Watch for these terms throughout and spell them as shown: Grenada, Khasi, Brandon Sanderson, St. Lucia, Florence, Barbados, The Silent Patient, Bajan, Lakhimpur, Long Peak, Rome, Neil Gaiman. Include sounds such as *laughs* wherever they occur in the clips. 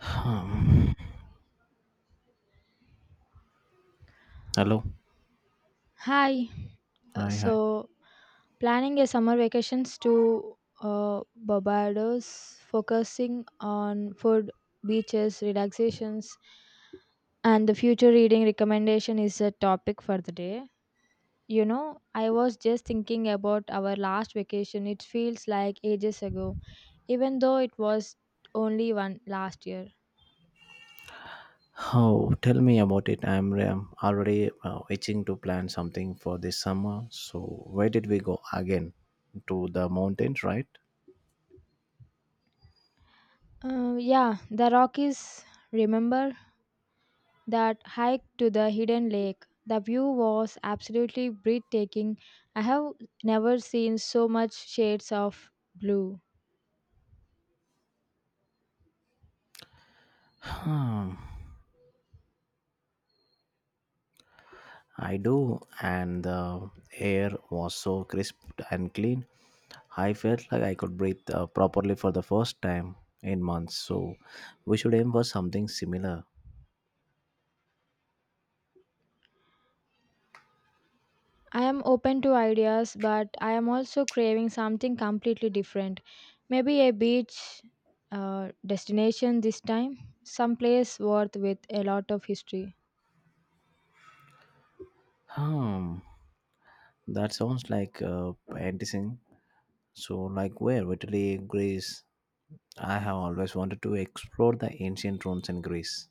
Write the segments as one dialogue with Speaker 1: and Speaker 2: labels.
Speaker 1: Um, Hello.
Speaker 2: Hi. Uh,
Speaker 1: Hi, hi.
Speaker 2: so, Planning a summer vacations to Barbados, focusing on food, beaches, relaxations, and the future reading recommendation is a topic for the day. You know, I was just thinking about our last vacation. It feels like ages ago, even though it was only one last year.
Speaker 1: Oh, tell me about it. I'm already itching to plan something for this summer. So, where did we go again? To the mountains, right?
Speaker 2: Yeah, the Rockies. Remember? That hike to the hidden lake. The view was absolutely breathtaking. I have never seen so much shades of blue.
Speaker 1: Hmm, I do. And the air was so crisp and clean. I felt like I could breathe properly for the first time in months. So, we should aim for something similar.
Speaker 2: I am open to ideas, but I am also craving something completely different. Maybe a beach destination this time, someplace worth with a lot of history.
Speaker 1: Hmm, that sounds like enticing. So, like where? Italy, Greece. I have always wanted to explore the ancient ruins in Greece.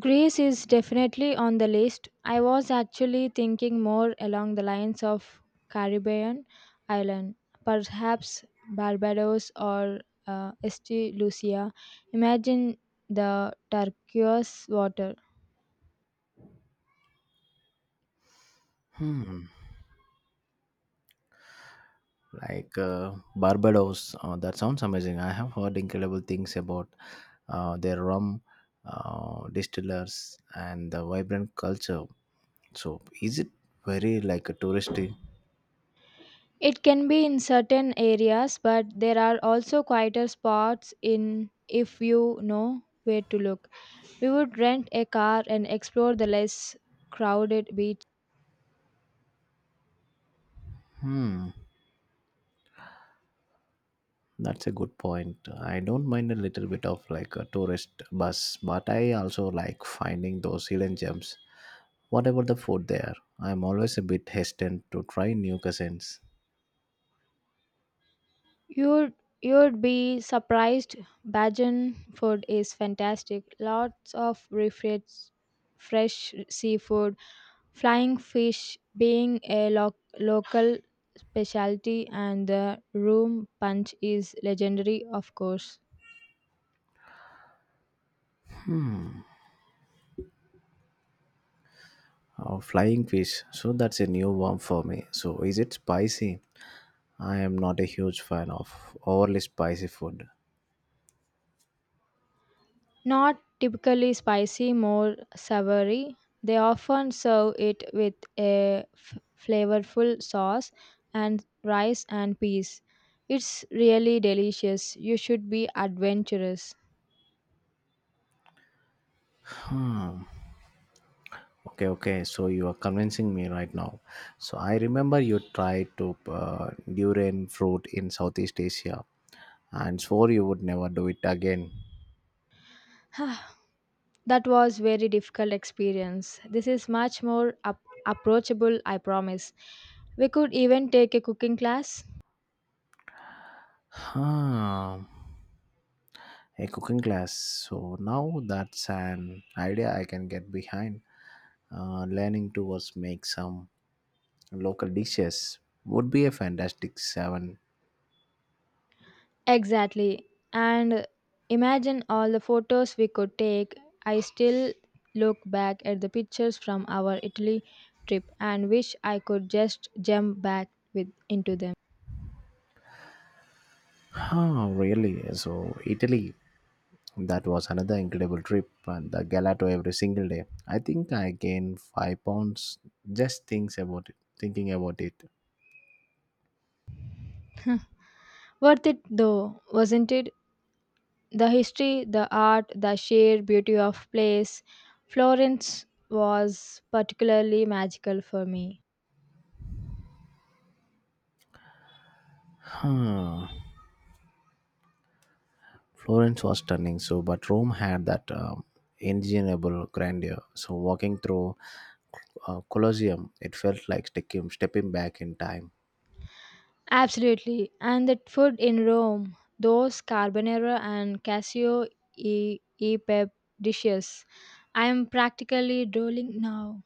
Speaker 2: Greece is definitely on the list. I was actually thinking more along the lines of Caribbean island, perhaps Barbados or St. Lucia. Imagine the turquoise water.
Speaker 1: Hmm. Like Barbados. That sounds amazing. I have heard incredible things about their rum distillers and the vibrant culture. So, is it very like a touristy?
Speaker 2: It can be in certain areas, but there are also quieter spots in if you know where to look. We would rent a car and explore the less crowded beaches.
Speaker 1: Hmm. That's a good point. I don't mind a little bit of like a tourist bus, but I also like finding those hidden gems. Whatever the food there, I am always a bit hesitant to try new cuisines.
Speaker 2: You'd you'd be surprised. Bajan food is fantastic. Lots of refreshed fresh seafood, flying fish being a local specialty, and the room punch is legendary, of course.
Speaker 1: Flying fish, so that's a new one for me. So is it spicy? I am not a huge fan of overly spicy food.
Speaker 2: Not typically spicy, more savory. They often serve it with a flavorful sauce and rice and peas. It's really delicious. You should be adventurous. *sighs*
Speaker 1: Okay, okay. So you are convincing me right now. So I remember you tried to durian fruit in Southeast Asia and swore you would never do it again.
Speaker 2: Ah, that was very difficult experience. This is much more approachable, I promise. We could even take a cooking class.
Speaker 1: Huh. A cooking class. So now that's an idea I can get behind. Learning to us make some local dishes would be a fantastic seven.
Speaker 2: Exactly. And imagine all the photos we could take. I still look back at the pictures from our Italy trip and wish I could just jump back with into them.
Speaker 1: Huh, really? So Italy, that was another incredible trip, and the gelato every single day. I think I gained 5 pounds just thinks about it, thinking about it.
Speaker 2: *laughs* Worth it though, wasn't it? The history, the art, the sheer beauty of place. Florence was particularly magical for me.
Speaker 1: Huh. Florence was stunning, so but Rome had that ingenuable grandeur. So walking through Colosseum, it felt like stepping back in time.
Speaker 2: Absolutely. And that food in Rome, those carbonara and cassio e pep dishes, I am practically drooling now.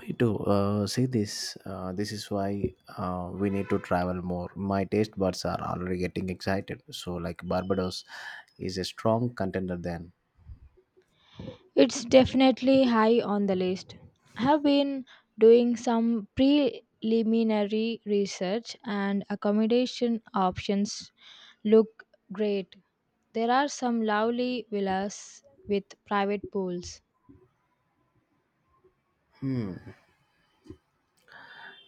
Speaker 1: Me too. See this. This is why we need to travel more. My taste buds are already getting excited. So like Barbados is a strong contender then.
Speaker 2: It's definitely high on the list. I have been doing some preliminary research and accommodation options look great. There are some lovely villas with private pools.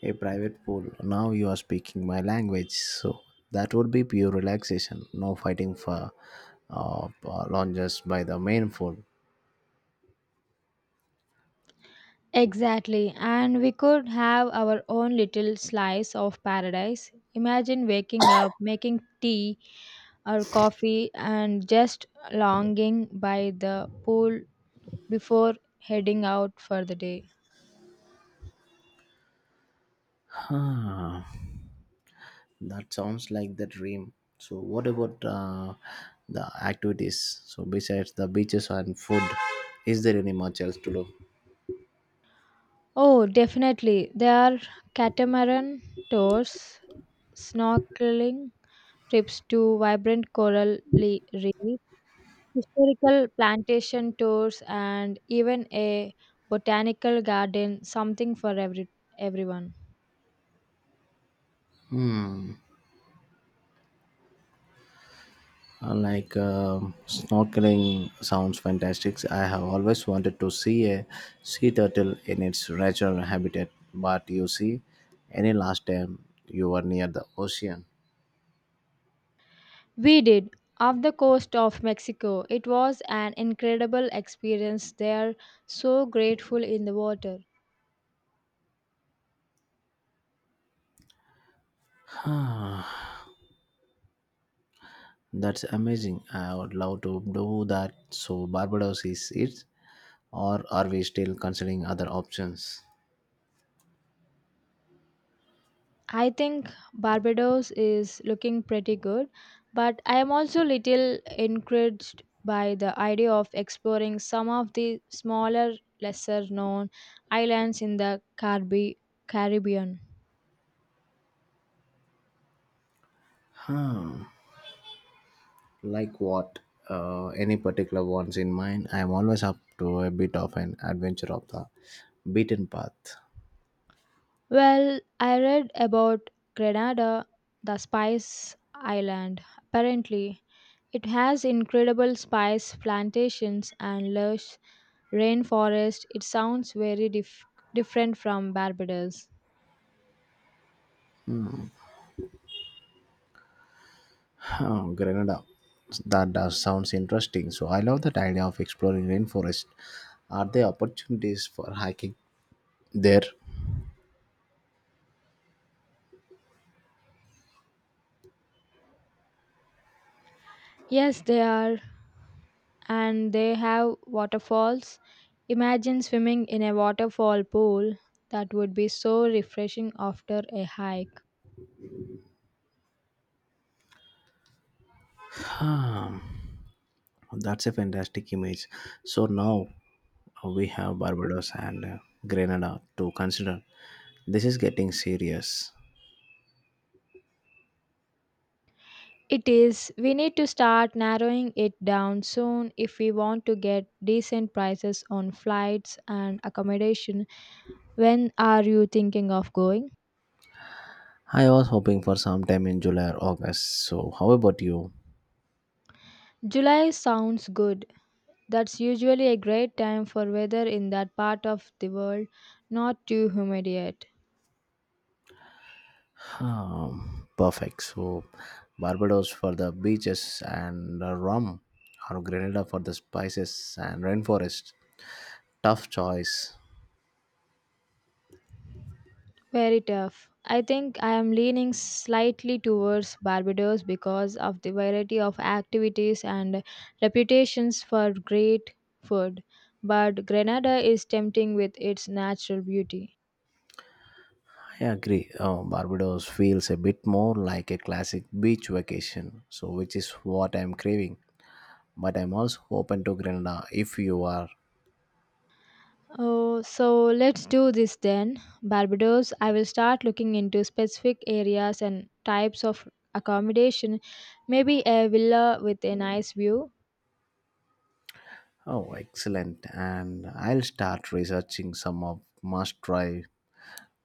Speaker 1: A private pool. Now you are speaking my language, so that would be pure relaxation. No fighting for uh, lounges by the main pool.
Speaker 2: Exactly, and we could have our own little slice of paradise. Imagine waking up, making tea or coffee, and just longing by the pool before heading out for the day.
Speaker 1: Ah, that sounds like the dream. So, what about the activities? So, besides the beaches and food, is there any much else to do?
Speaker 2: Oh, definitely. There are catamaran tours, snorkeling trips to vibrant coral reefs, historical plantation tours, and even a botanical garden, something for every everyone.
Speaker 1: Like snorkeling sounds fantastic. I have always wanted to see a sea turtle in its natural habitat. But you see, any last time you were near the ocean.
Speaker 2: We did off the coast of Mexico. It was an incredible experience. They are so grateful in the water.
Speaker 1: Ah, that's amazing. I would love to do that. So Barbados is it? Or are we still considering other options?
Speaker 2: I think Barbados is looking pretty good, but I am also little encouraged by the idea of exploring some of the smaller lesser known islands in the Carbi- Caribbean.
Speaker 1: Hmm. Like what? Any particular ones in mind? I am always up to a bit of an adventure of the beaten path.
Speaker 2: Well, I read about Grenada, the spice island. Apparently, it has incredible spice plantations and lush rainforest. It sounds very different from Barbados.
Speaker 1: Huh, Grenada. That does sounds interesting. So I love that idea of exploring rainforest. Are there opportunities for hiking there?
Speaker 2: Yes, they are, and they have waterfalls. Imagine swimming in a waterfall pool. That would be so refreshing after a hike.
Speaker 1: Hmm. That's a fantastic image. So now we have Barbados and Grenada to consider. This is getting serious.
Speaker 2: It is. We need to start narrowing it down soon if we want to get decent prices on flights and accommodation. When are you thinking of going?
Speaker 1: I was hoping for sometime in July or August. So, how about you?
Speaker 2: July sounds good. That's usually a great time for weather in that part of the world, not too humid yet.
Speaker 1: Perfect. So, Barbados for the beaches and the rum, or Grenada for the spices and rainforest. Tough choice.
Speaker 2: Very tough. I think I am leaning slightly towards Barbados because of the variety of activities and reputations for great food, but Grenada is tempting with its natural beauty.
Speaker 1: I agree. Barbados feels a bit more like a classic beach vacation, so which is what I'm craving. But I'm also open to Grenada if you are.
Speaker 2: Oh, so let's do this then. Barbados, I will start looking into specific areas and types of accommodation, maybe a villa with a nice view.
Speaker 1: Oh, excellent! And I'll start researching some of must-try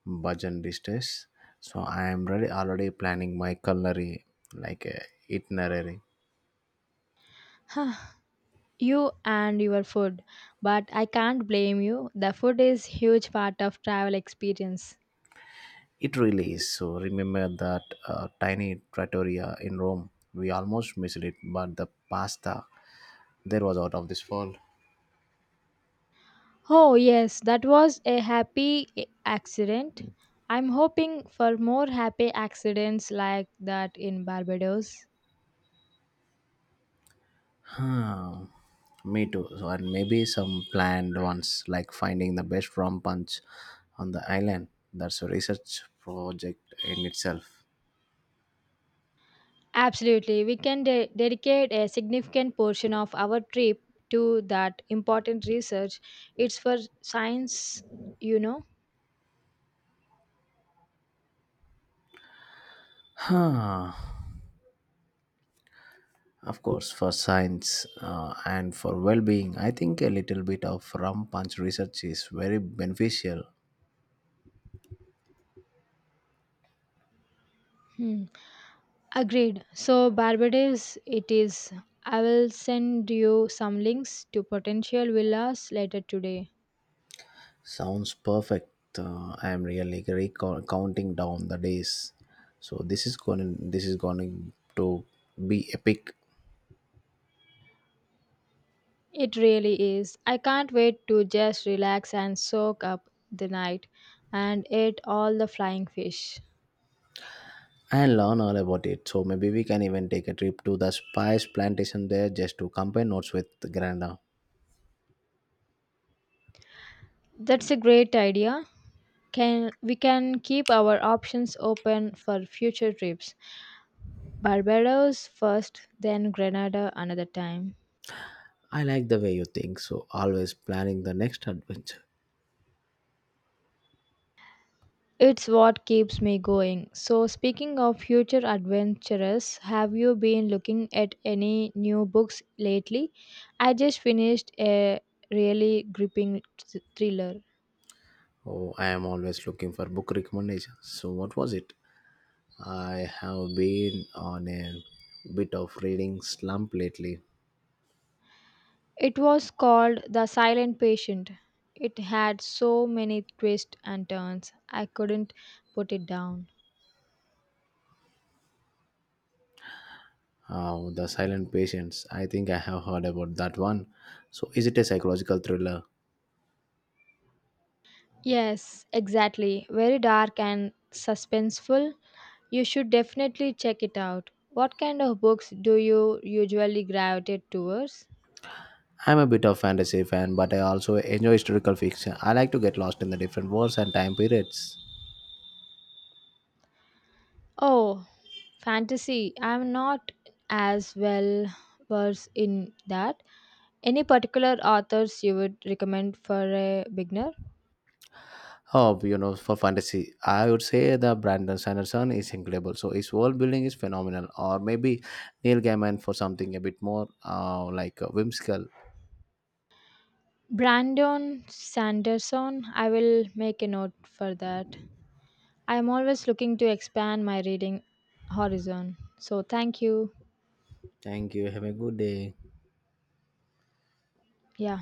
Speaker 1: bhajan these. So I am ready, already planning my culinary like itinerary.
Speaker 2: *sighs* You and your food. But I can't blame you. The food is huge part of travel experience.
Speaker 1: It really is. So remember that tiny trattoria in Rome. We almost missed it, but the pasta there was out of this world.
Speaker 2: Oh yes, that was a happy accident. I'm hoping for more happy accidents like that in Barbados.
Speaker 1: Hmm. Me too. So, and maybe some planned ones like finding the best rum punch on the island. That's a research project in itself.
Speaker 2: Absolutely. We can dedicate a significant portion of our trip to that important research. It's for science, you know.
Speaker 1: Huh. Of course, for science and for well being, I think a little bit of rum punch research is very beneficial.
Speaker 2: Hmm. Agreed. So, Barbados, it is. I will send you some links to potential villas later today.
Speaker 1: Sounds perfect. I am really counting down the days. So this is going to be epic
Speaker 2: It really is. I can't wait to just relax and soak up the night and eat all the flying fish.
Speaker 1: and learn all about it. So maybe we can even take a trip to the spice plantation there just to compare notes with Granda.
Speaker 2: That's a great idea. Can we can keep our options open for future trips. Barbados first, then Grenada another time.
Speaker 1: I like the way you think. So always planning the next adventure.
Speaker 2: It's what keeps me going. So, speaking of future adventures, have you been looking at any new books lately? I just finished a really gripping thriller.
Speaker 1: Oh, I am always looking for book recommendations. So what was it? I have been on a bit of reading slump lately.
Speaker 2: It was called The Silent Patient. It had so many twists and turns, I couldn't put it down.
Speaker 1: The Silent Patients. I think I have heard about that one. So, is it a psychological thriller?
Speaker 2: Yes, exactly. Very dark and suspenseful. You should definitely check it out. What kind of books do you usually gravitate towards?
Speaker 1: I'm a bit of fantasy fan, but I also enjoy historical fiction. I like to get lost in the different worlds and time periods.
Speaker 2: Oh, fantasy. I'm not as well versed in that. Any particular authors you would recommend for a beginner?
Speaker 1: Oh, you know, for fantasy, I would say the Brandon Sanderson is incredible. So his world building is phenomenal. Or maybe Neil Gaiman for something a bit more like whimsical.
Speaker 2: Brandon Sanderson. I will make a note for that. I'm always looking to expand my reading horizon. So, thank you.
Speaker 1: Thank you. Have a good day.
Speaker 2: Yeah.